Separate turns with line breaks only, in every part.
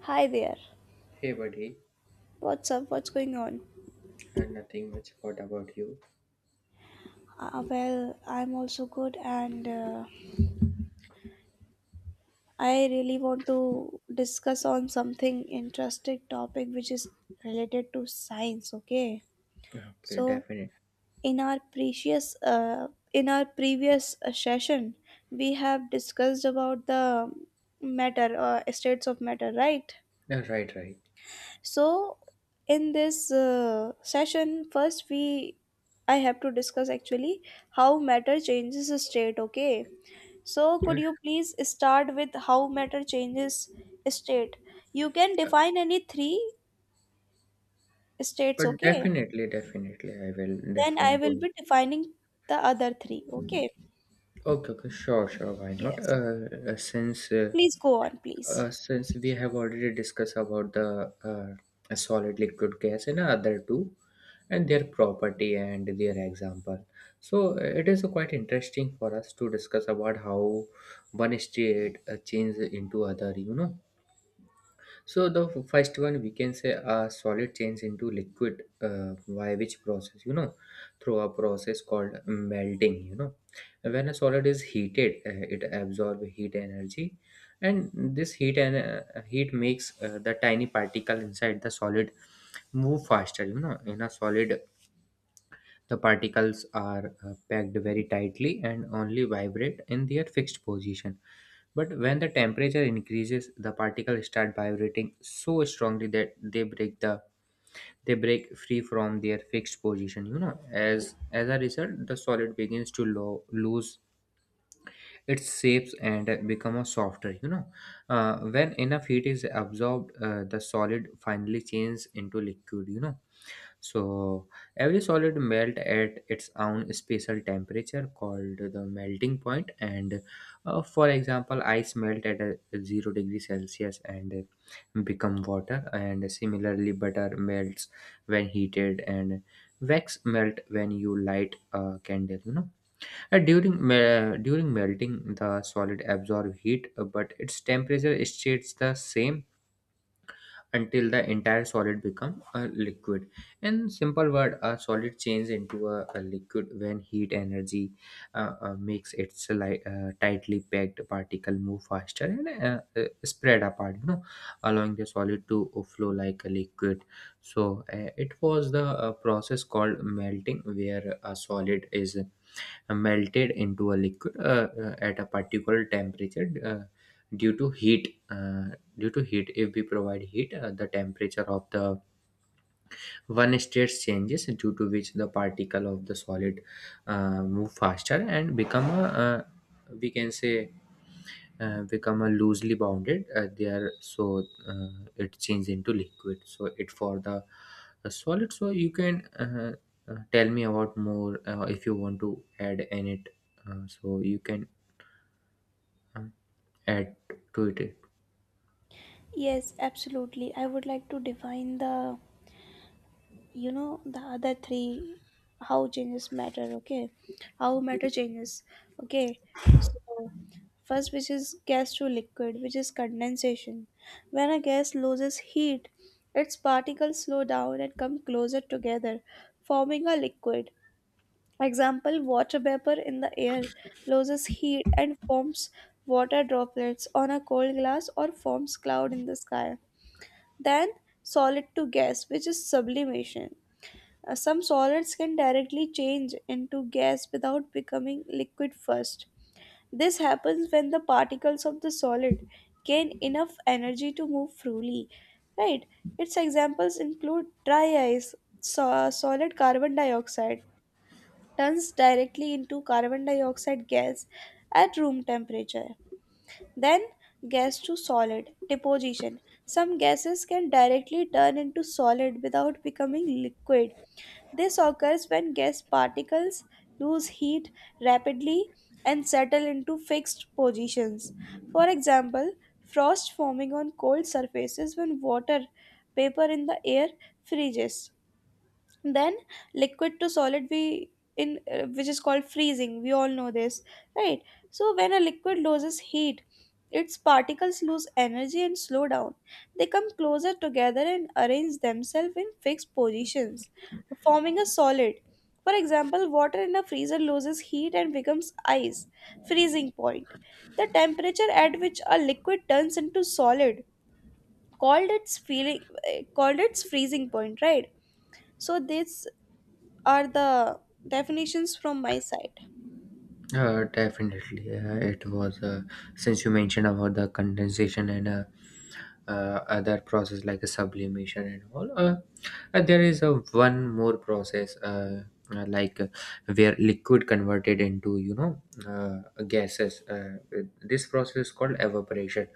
Hi there.
Hey buddy,
What's up? What's going on?
nothing much. What about you?
Well, I'm also good, and I really want to discuss on something interesting topic which is related to science. Okay.
Okay,
So
definitely.
in our previous session, we have discussed about the states of matter, right?
Right, right.
So, in this session, first we I have to discuss actually how matter changes state. Okay, so
Yeah,
could you please start with how matter changes state? You can define any three states.
but
Okay,
definitely, definitely, I will
then I
definitely.
will
go.
be defining the other three. Okay,
Okay, okay, sure, sure. Why not?
yes, please go on, please.
Since we have already discussed about the solid, liquid, gas, and other two, and their property and their example. So it is quite interesting for us to discuss about how one state changes into other. So the first one we can say a solid change into liquid by which process, through a process called melting. When a solid is heated, it absorbs heat energy, and this heat and heat makes the tiny particle inside the solid move faster. In a solid, the particles are packed very tightly and only vibrate in their fixed position. But when the temperature increases, the particles start vibrating so strongly that they break free from their fixed position. You know, as a result, the solid begins to lose its shapes and become a softer. You know, when enough heat is absorbed, the solid finally changes into liquid. You know, so every solid melt at its own special temperature called the melting point. And for example, ice melt at a zero degree Celsius and become water. And similarly, butter melts when heated, and wax melt when you light a candle. You know, during during melting, the solid absorb heat, but its temperature stays the same until the entire solid become a liquid. In simple word, a solid changes into a liquid when heat energy makes its tightly packed particle move faster and spread apart, allowing the solid to flow like a liquid. So it was the process called melting where a solid is melted into a liquid at a particular temperature, due to heat. Due to heat, if we provide heat, the temperature of the one state changes, due to which the particle of the solid move faster and become a we can say become a loosely bounded. They are so it changes into liquid. So it for the solid. So you can tell me about more, if you want to add in it. So you can uh, add to it.
Yes, absolutely. I would like to define the you know the other three, how changes matter. Okay, how matter changes. Okay, so first which is gas to liquid, which is condensation. When a gas loses heat, its particles slow down and come closer together, forming a liquid. Example, water vapor in the air loses heat and forms water droplets on a cold glass, or forms cloud in the sky. Then solid to gas, which is sublimation. Some solids can directly change into gas without becoming liquid first. This happens when the particles of the solid gain enough energy to move freely. Right? Its examples include dry ice, solid carbon dioxide turns directly into carbon dioxide gas at room temperature. Then gas to solid deposition. Some gases can directly turn into solid without becoming liquid. This occurs when gas particles lose heat rapidly and settle into fixed positions. For example, frost forming on cold surfaces when water vapor in the air freezes. Then liquid to solid, we in which is called freezing, we all know this, right? So when a liquid loses heat, its particles lose energy and slow down. They come closer together and arrange themselves in fixed positions, forming a solid. For example, water in a freezer loses heat and becomes ice. Freezing point, the temperature at which a liquid turns into solid, called its feeling called its freezing point, right? So this are the definitions from my side.
Definitely. It was, since you mentioned about the condensation and other process like a sublimation and all, there is a one more process, uh, like uh, where liquid converted into uh, gases. This process is called evaporation.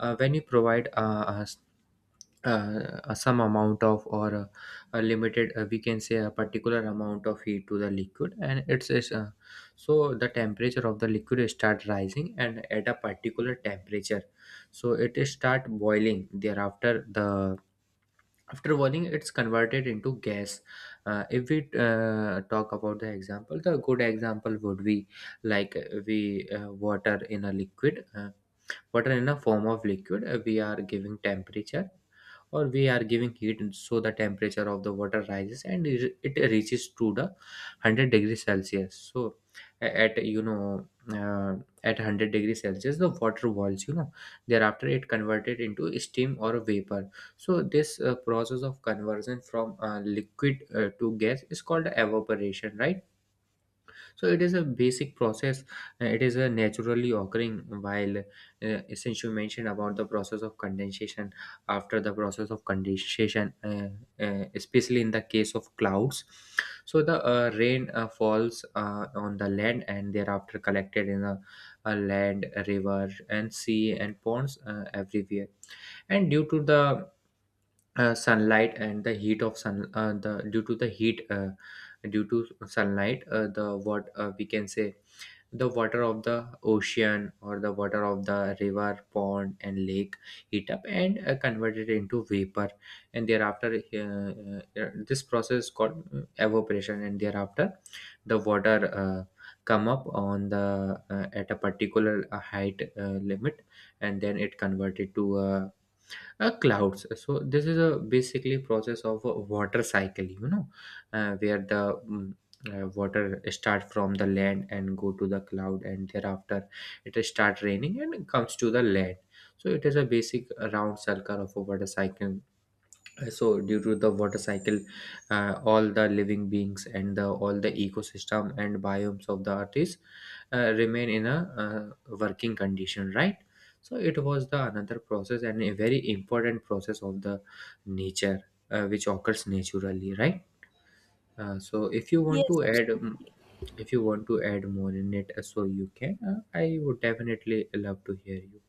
When you provide some amount of or a limited, we can say a particular amount of heat to the liquid and it's so the temperature of the liquid start rising, and at a particular temperature, so it is start boiling. Thereafter the after boiling, it's converted into gas. If we talk about the example, the good example would be like, we water in a liquid, water in a form of liquid, we are giving temperature or we are giving heat, so the temperature of the water rises and it reaches to the 100 degrees celsius. So at uh, at 100 degrees celsius, the water boils. You know, thereafter it converted into steam or vapor. So this process of conversion from liquid to gas is called evaporation, right? So it is a basic process. It is a naturally occurring. While, since you mentioned about the process of condensation, after the process of condensation, especially in the case of clouds. So the rain falls on the land and thereafter collected in a land, a river, and sea and ponds everywhere. And due to the sunlight and the heat of sun, the due to the heat. Due to sunlight, the what we can say the water of the ocean or the water of the river pond and lake heat up and convert it into vapor. And thereafter this process called evaporation, and thereafter the water come up on the at a particular height limit, and then it converted to a clouds. So this is a basically process of a water cycle. You know, uh, where the mm, water start from the land and go to the cloud, and thereafter it start raining and comes to the land. So it is a basic round circle of a water cycle. So due to the water cycle, all the living beings and all the ecosystem and biomes of the earth is remain in a working condition, right? So it was the another process and a very important process of the nature, which occurs naturally, right? So if you want
Yes,
to add
absolutely.
if you want to add more in it, so you can, I would definitely love to hear you.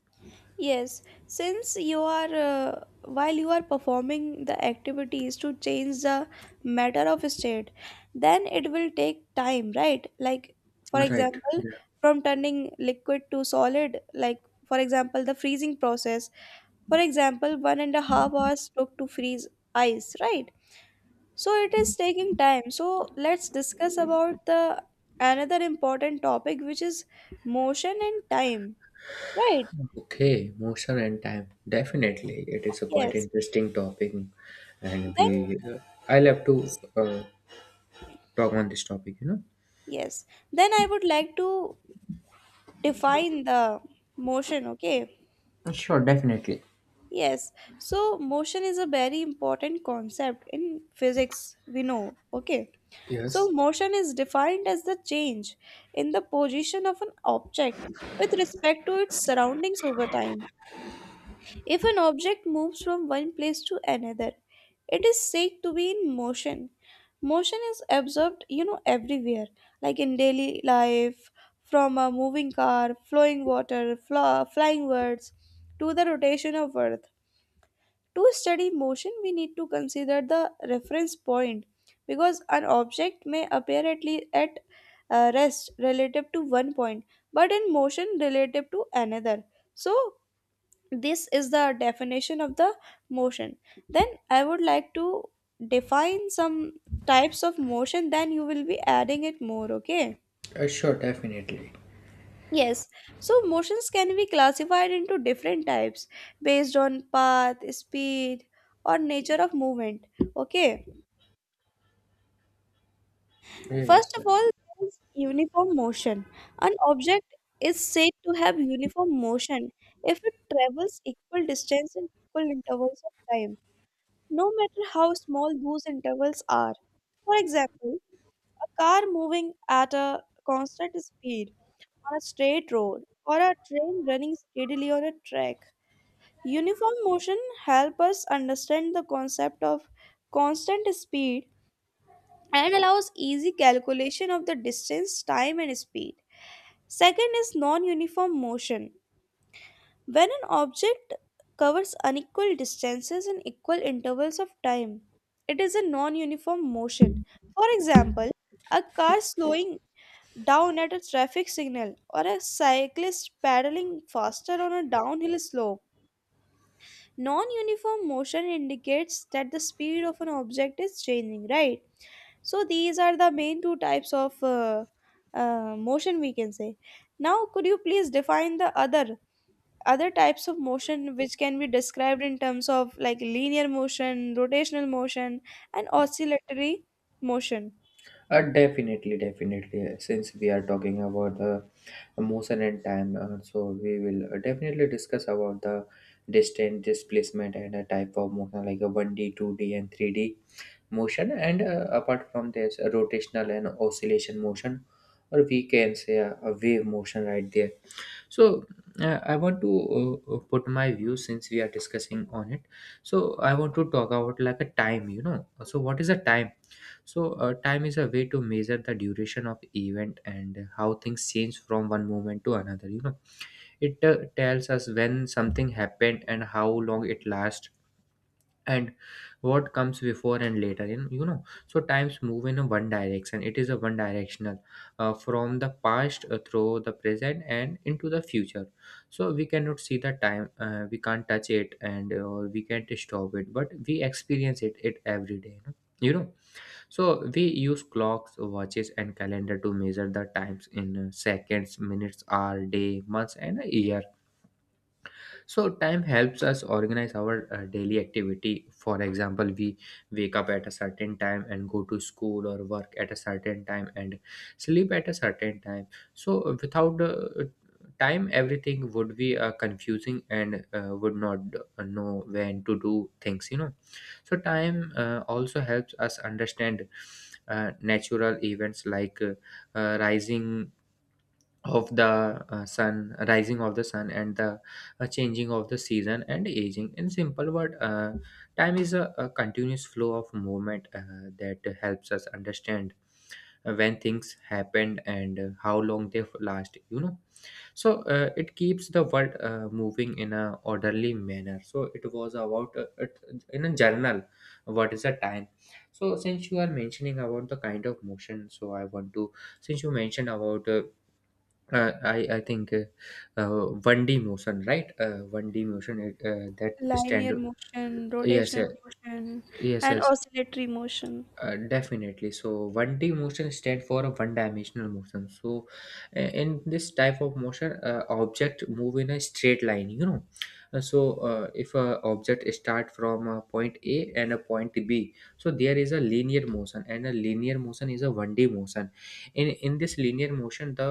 Yes, since you are while you are performing the activities to change the matter of state, then it will take time, right? Like for
Right.
example, from turning liquid to solid, like for example, the freezing process. For example, 1.5 hours took to freeze ice, right? So it is taking time, so let's discuss about the another important topic, which is motion and time, right?
Okay, motion and time. Definitely, it is a quite
Yes,
interesting topic, and
then
we I love to uh, talk on this topic. You know.
yes, then I would like to define the motion. Okay,
Sure, definitely.
yes, so motion is a very important concept in physics, we know. Okay, so
Yes.
motion is defined as the change in the position of an object with respect to its surroundings over time. If an object moves from one place to another, it is said to be in motion. Motion is observed, you know, everywhere, like in daily life, from a moving car, flowing water, flying birds, to the rotation of Earth. To study motion, we need to consider the reference point because an object may appear at rest relative to one point but in motion relative to another. So, this is the definition of the motion. Then I would like to define some types of motion, then you will be adding it more. Okay,
Sure. Definitely.
yes, so motions can be classified into different types based on path, speed, or nature of movement. Okay, first
Yes.
of
Yes.
all, there is uniform motion. An object is said to have uniform motion if it travels equal distance in equal intervals of time, no matter how small those intervals are. For example, a car moving at a constant speed on a straight road or a train running steadily on a track. Uniform motion helps us understand the concept of constant speed and allows easy calculation of the distance, time, and speed. Second is non uniform motion. When an object covers unequal distances in equal intervals of time, it is a non uniform motion. For example, a car slowing down at a traffic signal or a cyclist pedaling faster on a downhill slope. Non uniform motion indicates that the speed of an object is changing, right? So, these are the main two types of motion we can say. Now, could you please define the other? Other types of motion which can be described in terms of like linear motion, rotational motion, and oscillatory motion,
Definitely. Definitely. Since we are talking about the motion and time, so we will definitely discuss about the distance displacement and a type of motion like a one D, two D, and three D. Motion, and apart from this rotational and oscillation motion, or we can say a wave motion, right there. So I want to put my view, since we are discussing on it. So I want to talk about like a time. You know, so what is a time? So time is a way to measure the duration of event and how things change from one moment to another. You know, it tells us when something happened and how long it lasts, and what comes before and later in. You know, so times move in a one direction. It is a one directional, from the past through the present and into the future. So we cannot see the time, we can't touch it, and or we can't stop it, but we experience it every day. You know, you know? So we use clocks watches and calendar to measure the times in seconds minutes hour day months and a year. So time helps us organize our daily activity. For example, we wake up at a certain time and go to school or work at a certain time, and sleep at a certain time. So without time, everything would be confusing, and would not know when to do things. You know, so time also helps us understand natural events like rising of the sun, rising of the sun and the changing of the season and aging. In simple word, time is a continuous flow of movement that helps us understand when things happened and how long they last. You know, so it keeps the world moving in a orderly manner. So it was about in a journal, what is the time. So since you are mentioning about the kind of motion, so I want to, since you mentioned about I think 1D motion, right? 1D motion that stand.
linear motion,
Yes,
rotational
yes,
motion,
yes,
and
yes.
oscillatory motion.
Definitely. So 1D motion stand for a one-dimensional motion. So in this type of motion, object move in a straight line. You know, so if a object start from a point A and a point B, so there is a linear motion, and a linear motion is a 1D motion. In this linear motion, the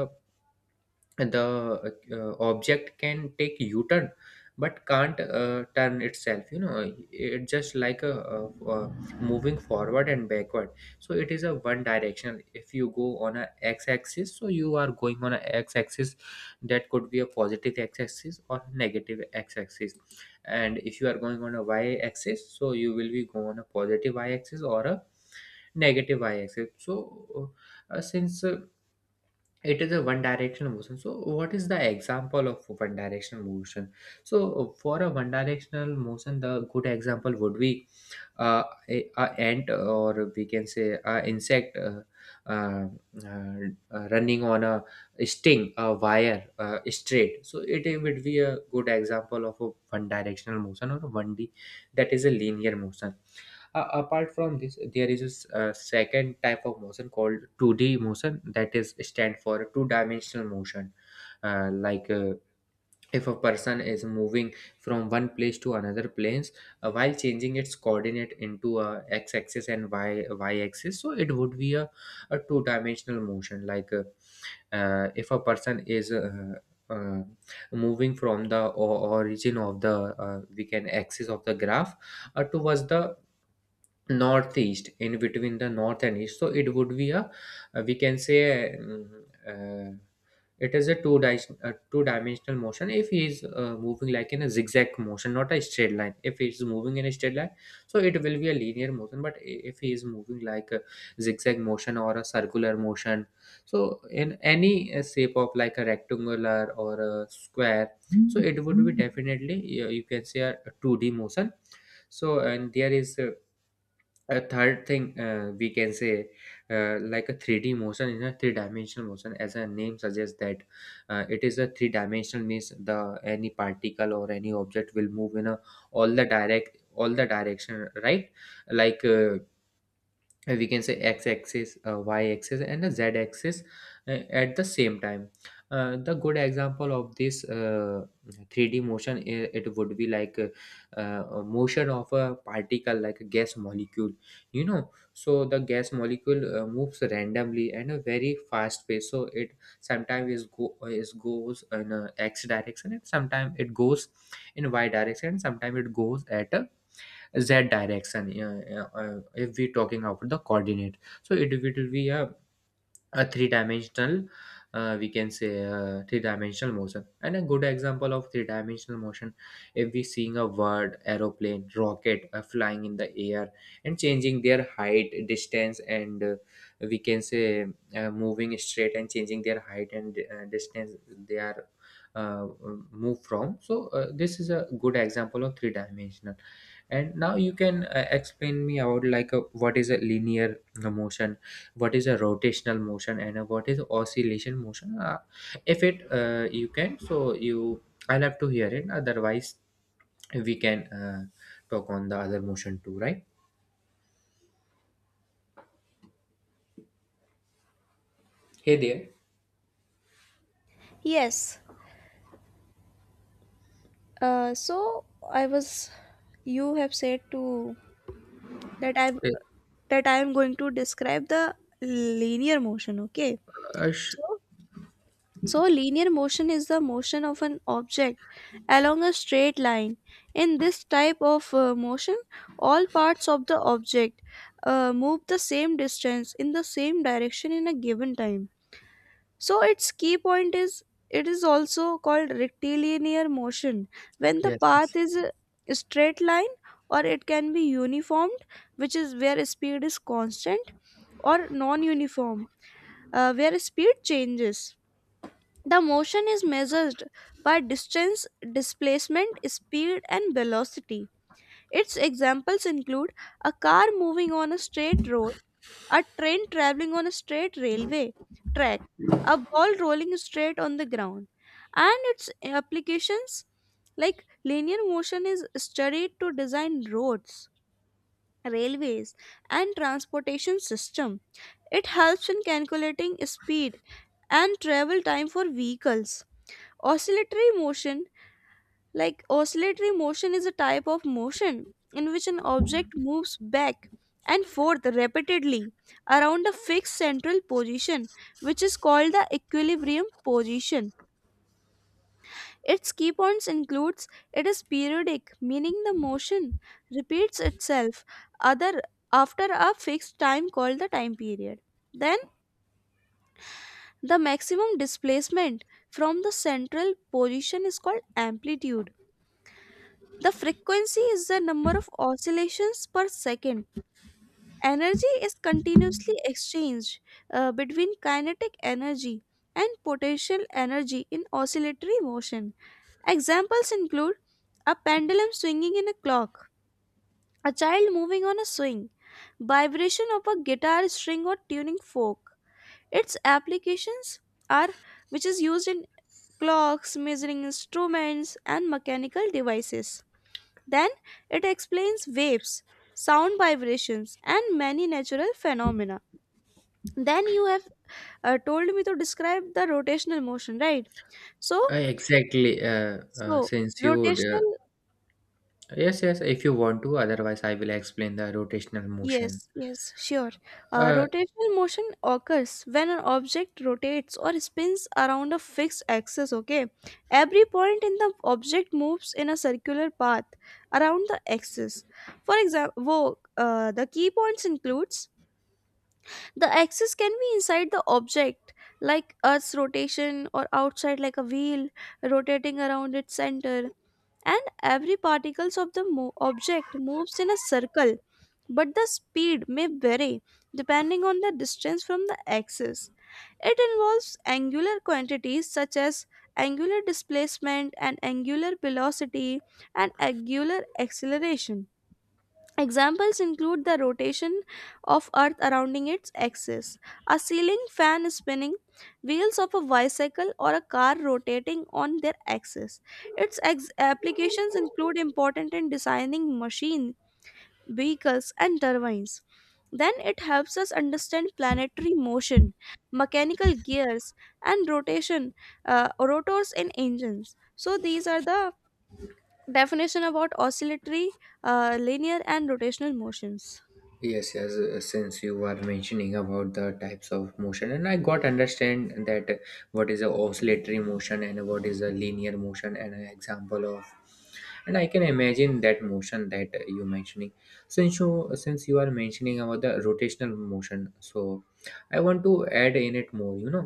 the uh, object can take u-turn but can't turn itself. You know, it's just like a moving forward and backward. So it is a one directional. If you go on a x-axis, so you are going on a x-axis, that could be a positive x-axis or negative x-axis. And if you are going on a y-axis, so you will be go on a positive y-axis or a negative y-axis. So since it is a one directional motion, so what is the example of one directional motion? So for a one directional motion, the good example would be a ant, or we can say a insect, uh, running on a sting a wire straight. So it would be a good example of a one directional motion or a 1D, that is a linear motion. Apart from this, there is a second type of motion called 2D motion, that is stand for two-dimensional motion. Like if a person is moving from one place to another planes, while changing its coordinate into a x-axis and y y-axis, so it would be a two-dimensional motion. If a person is uh, moving from the origin of the we can axis of the graph, towards the northeast, in between the north and east. So it would be a, we can say uh, it is a two dimensional motion, if he is moving like in a zigzag motion, not a straight line. If he is moving in a straight line, so it will be a linear motion. But if he is moving like a zigzag motion or a circular motion, so in any shape of like a rectangular or a square, so it would be definitely you can say a 2D motion. So, and there is a third thing, we can say, like a 3D motion is a three-dimensional motion. As a name suggests that it is a three-dimensional, means the any particle or any object will move in a all the direction, right? Like we can say x-axis, y-axis, and the z-axis at the same time. The good example of this 3D motion, it would be like motion of a particle like a gas molecule, you know. So the gas molecule moves randomly and a very fast pace. So it sometimes is go is goes in a x direction, and sometimes it goes in y direction, and sometimes it goes at a z direction. If we talking about the coordinate, so it will be a three dimensional, we can say, three dimensional motion. And a good example of three dimensional motion, if we seeing a word aeroplane, rocket, flying in the air and changing their height, distance, and we can say, moving straight and changing their height and distance. They are uh, move from so this is a good example of three dimensional. And now you can explain me about, like a, what is a linear motion, what is a rotational motion, and what is oscillation motion. Uh, if it uh, you can, so you, I'll have to hear it. Otherwise we can talk on the other motion too, right? Hey there.
Yes, so I was, you have said to that i that I am going to describe the linear motion. Okay,
uh, sh-
so So, linear motion is the motion of an object along a straight line. In this type of motion, all parts of the object move the same distance in the same direction in a given time. So, its key point is it is also called rectilinear motion when the path
yes.
is a straight line, or it can be uniformed, which is where speed is constant, or non uniform, where speed changes. The motion is measured by distance, displacement, speed, and velocity. Its examples include a car moving on a straight road, a train traveling on a straight railway track, a ball rolling straight on the ground. And its applications, like linear motion is studied to design roads, railways, and transportation system. It helps in calculating speed and travel time for vehicles. Oscillatory motion, like oscillatory motion, is a type of motion in which an object moves back and forth repeatedly around a fixed central position, which is called the equilibrium position. Its key points includes it is periodic, meaning the motion repeats itself other after a fixed time called the time period. Then the maximum displacement from the central position is called amplitude. The frequency is the number of oscillations per second. Energy is continuously exchanged between kinetic energy and potential energy in oscillatory motion. Examples include a pendulum swinging in a clock, a child moving on a swing, vibration of a guitar string or tuning fork. Its applications are, which is used in clocks, measuring instruments, and mechanical devices. Then it explains waves, sound vibrations, and many natural phenomena. Then you have told me to describe the rotational motion, right? So,
Exactly
so
since you uh,
rotational,
yes, yes, if you want to, otherwise I will explain the rotational motion.
yes, yes, sure.
Uh,
Rotational motion occurs when an object rotates or spins around a fixed axis. Okay, every point in the object moves in a circular path around the axis. For example, the key points includes the axis can be inside the object, like Earth's rotation, or outside, like a wheel rotating around its center. And every particles of the object moves in a circle, but the speed may vary depending on the distance from the axis. It involves angular quantities such as angular displacement and angular velocity and angular acceleration. Examples include the rotation of Earth surrounding its axis, a ceiling fan spinning, wheels of a bicycle, or a car rotating on their axis. Its applications include important in designing machine, vehicles, and turbines. Then it helps us understand planetary motion, mechanical gears, and rotation rotors in engines. So these are the definition about oscillatory, linear, and rotational motions.
Yes, yes. Since you are mentioning about the types of motion, and I got understand that what is a oscillatory motion and what is a linear motion, and an example of, and I can imagine that motion that you mentioning. Since you are mentioning about the rotational motion, so I want to add in it more. You know,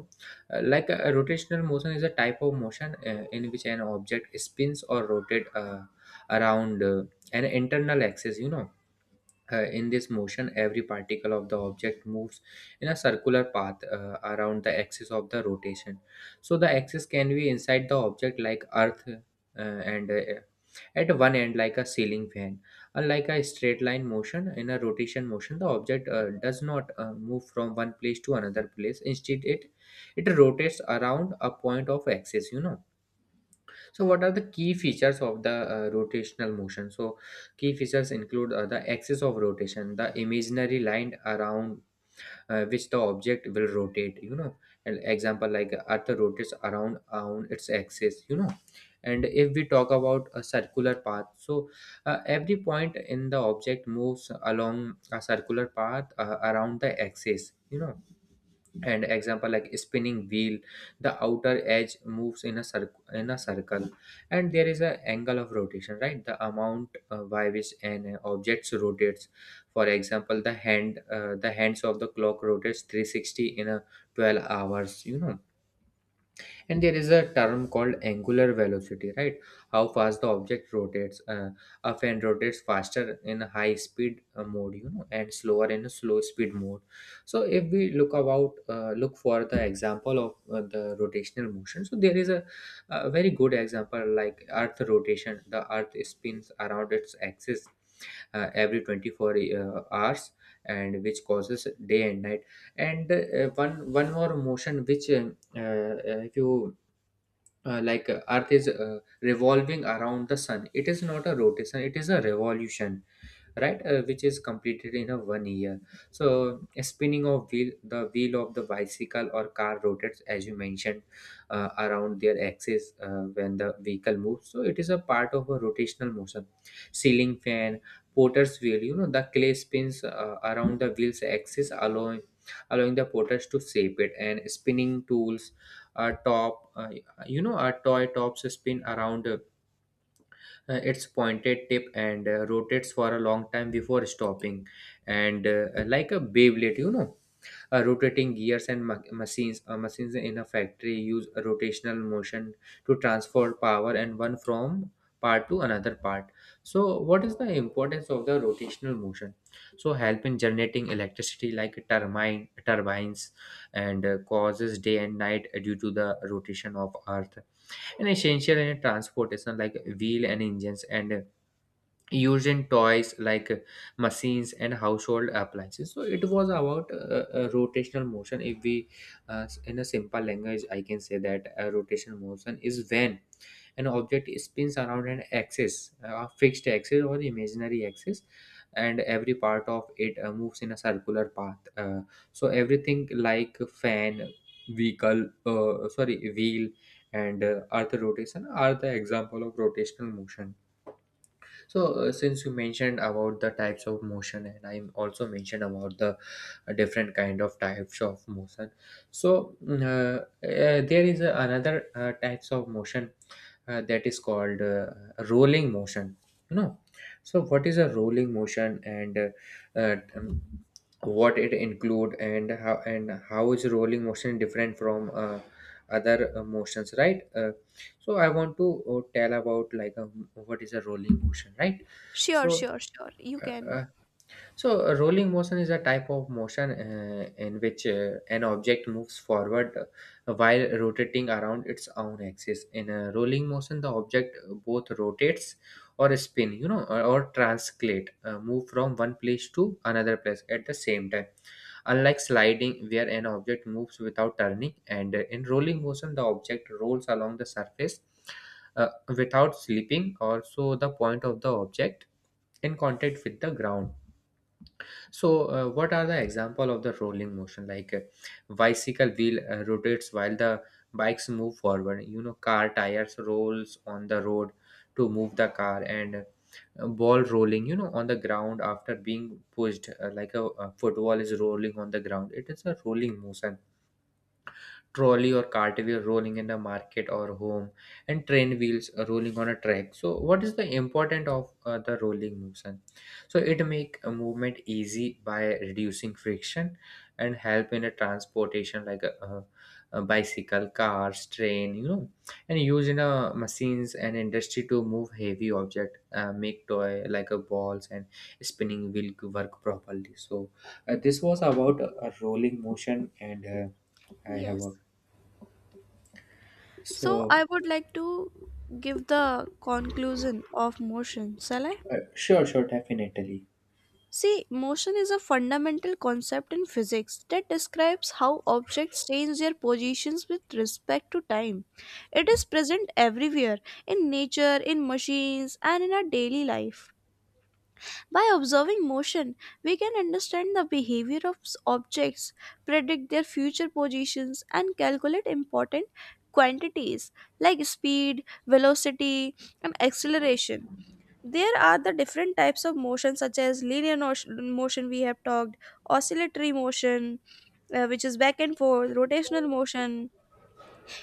Like a rotational motion is a type of motion in which an object spins or rotate around an internal axis. You know, in this motion, every particle of the object moves in a circular path around the axis of the rotation. So the axis can be inside the object like Earth and at one end like a ceiling fan. Unlike a straight line motion, in a rotation motion, the object does not move from one place to another place. Instead, it rotates around a point of axis. You know, so what are the key features of the rotational motion? So key features include the axis of rotation, the imaginary line around which the object will rotate. You know, an example like Earth rotates around on its axis. You know, and if we talk about a circular path, so every point in the object moves along a circular path around the axis. You know, and example like spinning wheel, the outer edge moves in a circle. And there is a angle of rotation, right? The amount by which an object rotates, for example, the hand, the hands of the clock rotates 360 in a 12 hours, you know. And there is a term called angular velocity, right? How fast the object rotates. A fan rotates faster in a high speed mode, you know, and slower in a slow speed mode. So if we look for the example of the rotational motion, so there is a very good example, like earth rotation. The earth spins around its axis every 24 hours, and which causes day and night. And one more motion which uh, if you like earth is revolving around the sun, it is not a rotation, it is a revolution, right? Which is completed in a one year. So a spinning of wheel, the wheel of the bicycle or car rotates, as you mentioned, around their axis when the vehicle moves. So it is a part of a rotational motion. Ceiling fan, porter's wheel, you know, the clay spins around the wheel's axis, allowing the porters to shape it. And spinning tools, a top, you know, a toy tops spin around its pointed tip and rotates for a long time before stopping. And like a Beyblade, you know. Rotating gears and machines, machines in a factory use a rotational motion to transfer power and one from part to another part. So what is the importance of the rotational motion? So help in generating electricity like turbines, and causes day and night due to the rotation of earth, and essential in transportation like wheel and engines, and used in toys like machines and household appliances. So it was about rotational motion. If we in a simple language, I can say that a rotational motion is when an object spins around an axis, a fixed axis or imaginary axis, and every part of it moves in a circular path. So everything like fan, vehicle, sorry wheel, and earth rotation are the example of rotational motion. So since you mentioned about the types of motion and I also mentioned about the different kind of types of motion, so there is another types of motion that is called rolling motion, you know. So what is a rolling motion, and uh, um, what it include, and how is rolling motion different from other motions, right? So I want to tell about like what is a rolling motion, right?
Sure,
So
sure, sure. You
uh,
can.
uh, so a rolling motion is a type of motion in which an object moves forward while rotating around its own axis. In a rolling motion, the object both rotates or spin, you know, or translate, move from one place to another place at the same time. Unlike sliding, where an object moves without turning, and in rolling motion, the object rolls along the surface uh, without slipping. Also, the point of the object in contact with the ground. So what are the example of the rolling motion? Bicycle wheel rotates while the bikes move forward. You know, car tires rolls on the road to move the car. And ball rolling, you know, on the ground after being pushed, like a football is rolling on the ground, it is a rolling motion. Trolley or cart wheel rolling in a market or home, and train wheels rolling on a track. So what is the important of the rolling motion? So it make a movement easy by reducing friction, and help in a transportation like a bicycle, cars, train, you know, and use in a machines and industry to move heavy object, make toy like a balls and spinning wheel work properly. So this was about a rolling motion, and I have
Yes.
a,
So
so,
I would like to give the conclusion of motion, shall I?
sure, sure, definitely.
See, motion is a fundamental concept in physics that describes how objects change their positions with respect to time. It is present everywhere in nature, in machines, and in our daily life. By observing motion, we can understand the behavior of objects, predict their future positions, and calculate important quantities like speed, velocity, and acceleration. There are the different types of motion, such as linear notion, motion, we have talked, oscillatory motion, which is back and forth, rotational motion,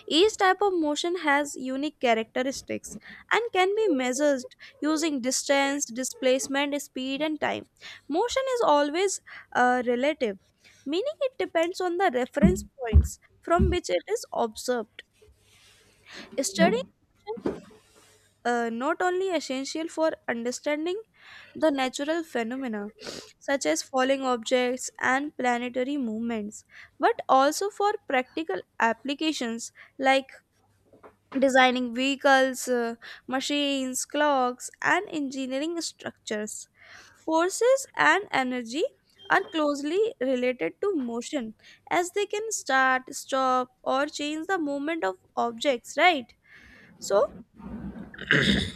each type of motion has unique characteristics and can be measured using distance, displacement, speed, and time. Motion is always relative, meaning it depends on the reference points from which it is observed. Studying motion, not only essential for understanding the natural phenomena such as falling objects and planetary movements, but also for practical applications like designing vehicles, machines, clocks, and engineering structures. Forces and energy are closely related to motion as they can start, stop, or change the movement of objects, right? So,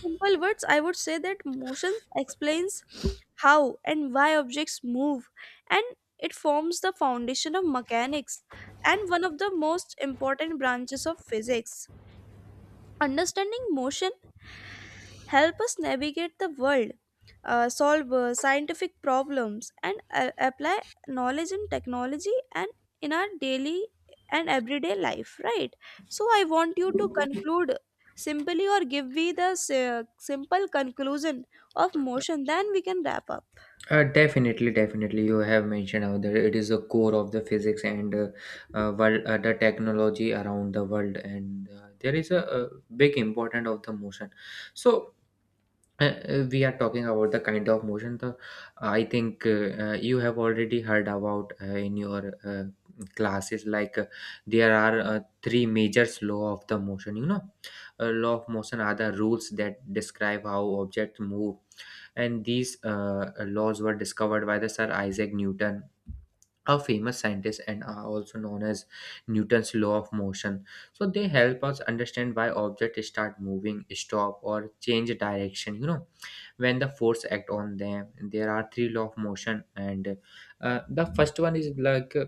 in simple words, I would say that motion explains how and why objects move, and it forms the foundation of mechanics and one of the most important branches of physics. Understanding motion help us navigate the world, solve scientific problems, and apply knowledge and technology and in our daily and everyday life, right? So I want you to conclude simply or give me the simple conclusion of motion, then we can wrap up.
Definitely, definitely. You have mentioned how that it is the core of the physics, and world, the technology around the world, and there is a big importance of the motion. So we are talking about the kind of motion. The I think you have already heard about in your classes, like there are three major law of the motion. You know, law of motion are the rules that describe how objects move, and these laws were discovered by the Sir Isaac Newton, a famous scientist, and are also known as Newton's law of motion. So they help us understand why objects start moving, stop, or change direction, you know, when the force act on them. There are three law of motion. And the first one is like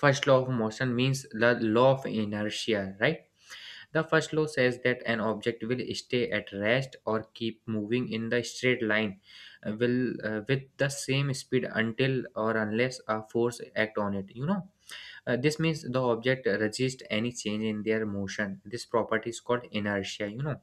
first law of motion means the law of inertia, right? The first law says that an object will stay at rest or keep moving in the straight line, will with the same speed until or unless a force act on it, you know. This means the object resists any change in their motion. This property is called inertia, you know.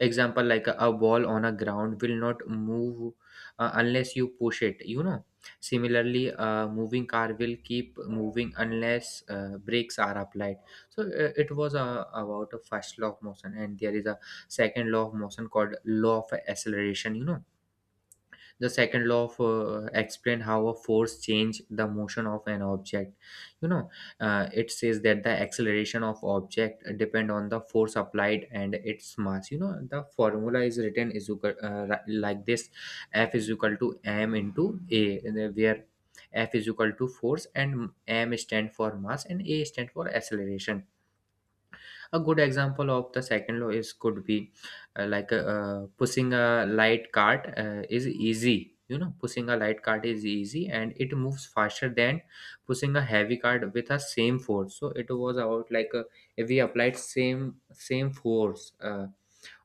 Example, like a ball on a ground will not move unless you push it, you know. Similarly, a moving car will keep moving unless brakes are applied. So it was about a first law of motion, and there is a second law of motion called law of acceleration, you know. The second law of explain how a force change the motion of an object, you know. Uh, it says that the acceleration of object depend on the force applied and its mass, you know. The formula is written is like this. F is equal to M into A, and then where F is equal to force, and M stand for mass, and A stand for acceleration. A good example of the second law is could be pushing a light cart is easy. You know, pushing a light cart is easy and it moves faster than pushing a heavy cart with a same force. So it was about like if we applied same force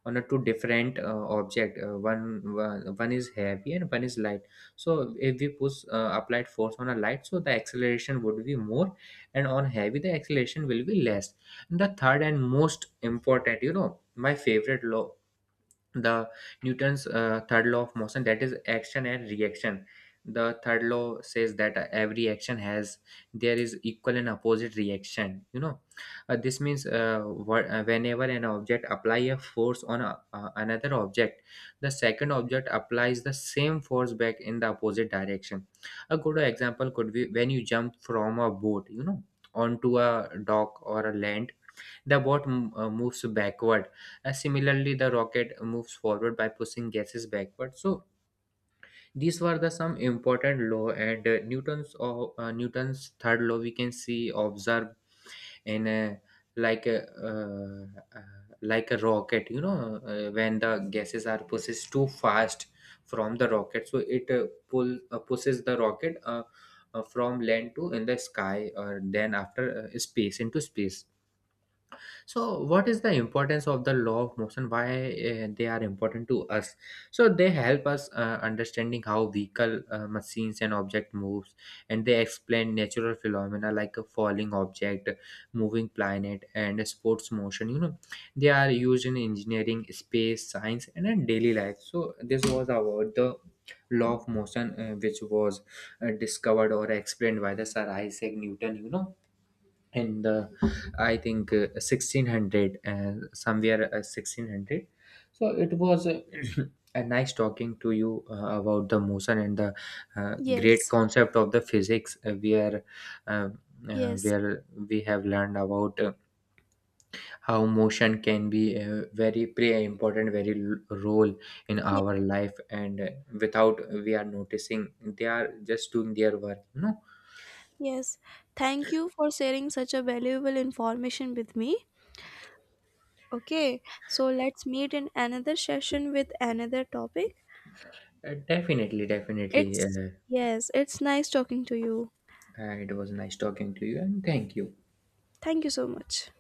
on a two different object. Uh, one is heavy and one is light. So if we push applied force on a light, so the acceleration would be more, and on heavy the acceleration will be less. The third and most important, you know, my favorite law, the Newton's third law of motion, that is action and reaction. The third law says that every action has there is equal and opposite reaction, you know. Uh, this means whenever an object apply a force on a, another object, the second object applies the same force back in the opposite direction. A good example could be when you jump from a boat, you know, onto a dock or a land, the boat moves backward. Similarly, the rocket moves forward by pushing gases backward. So these were the some important law. And Newton's third law we can see observed in a, like a uh, uh, like a rocket. You know, when the gases are pushed too fast from the rocket, so it pull pushes the rocket. From land to in the sky or then after space into space. So what is the importance of the law of motion? Why they are important to us? So they help us understanding how vehicle, machines, and object moves, and they explain natural phenomena like a falling object, moving planet, and sports motion, you know. They are used in engineering, space science, and in daily life. So this was about the law of motion, which was discovered or explained by the Sir Isaac Newton, you know, in the, I think 1600 and somewhere 1600. So it was a nice talking to you about the motion and the great
Yes,
concept of the physics uh,
yes,
where we have learned about how motion can be a very pre important very l- role in
yes,
our life. And without we are noticing, they are just doing their work, you know.
yes. Thank you for sharing such a valuable information with me. Okay, so let's meet in another session with another topic.
Definitely definitely
It's
uh,
yes, it's nice talking to you.
It was nice talking to you, and thank you.
Thank you so much.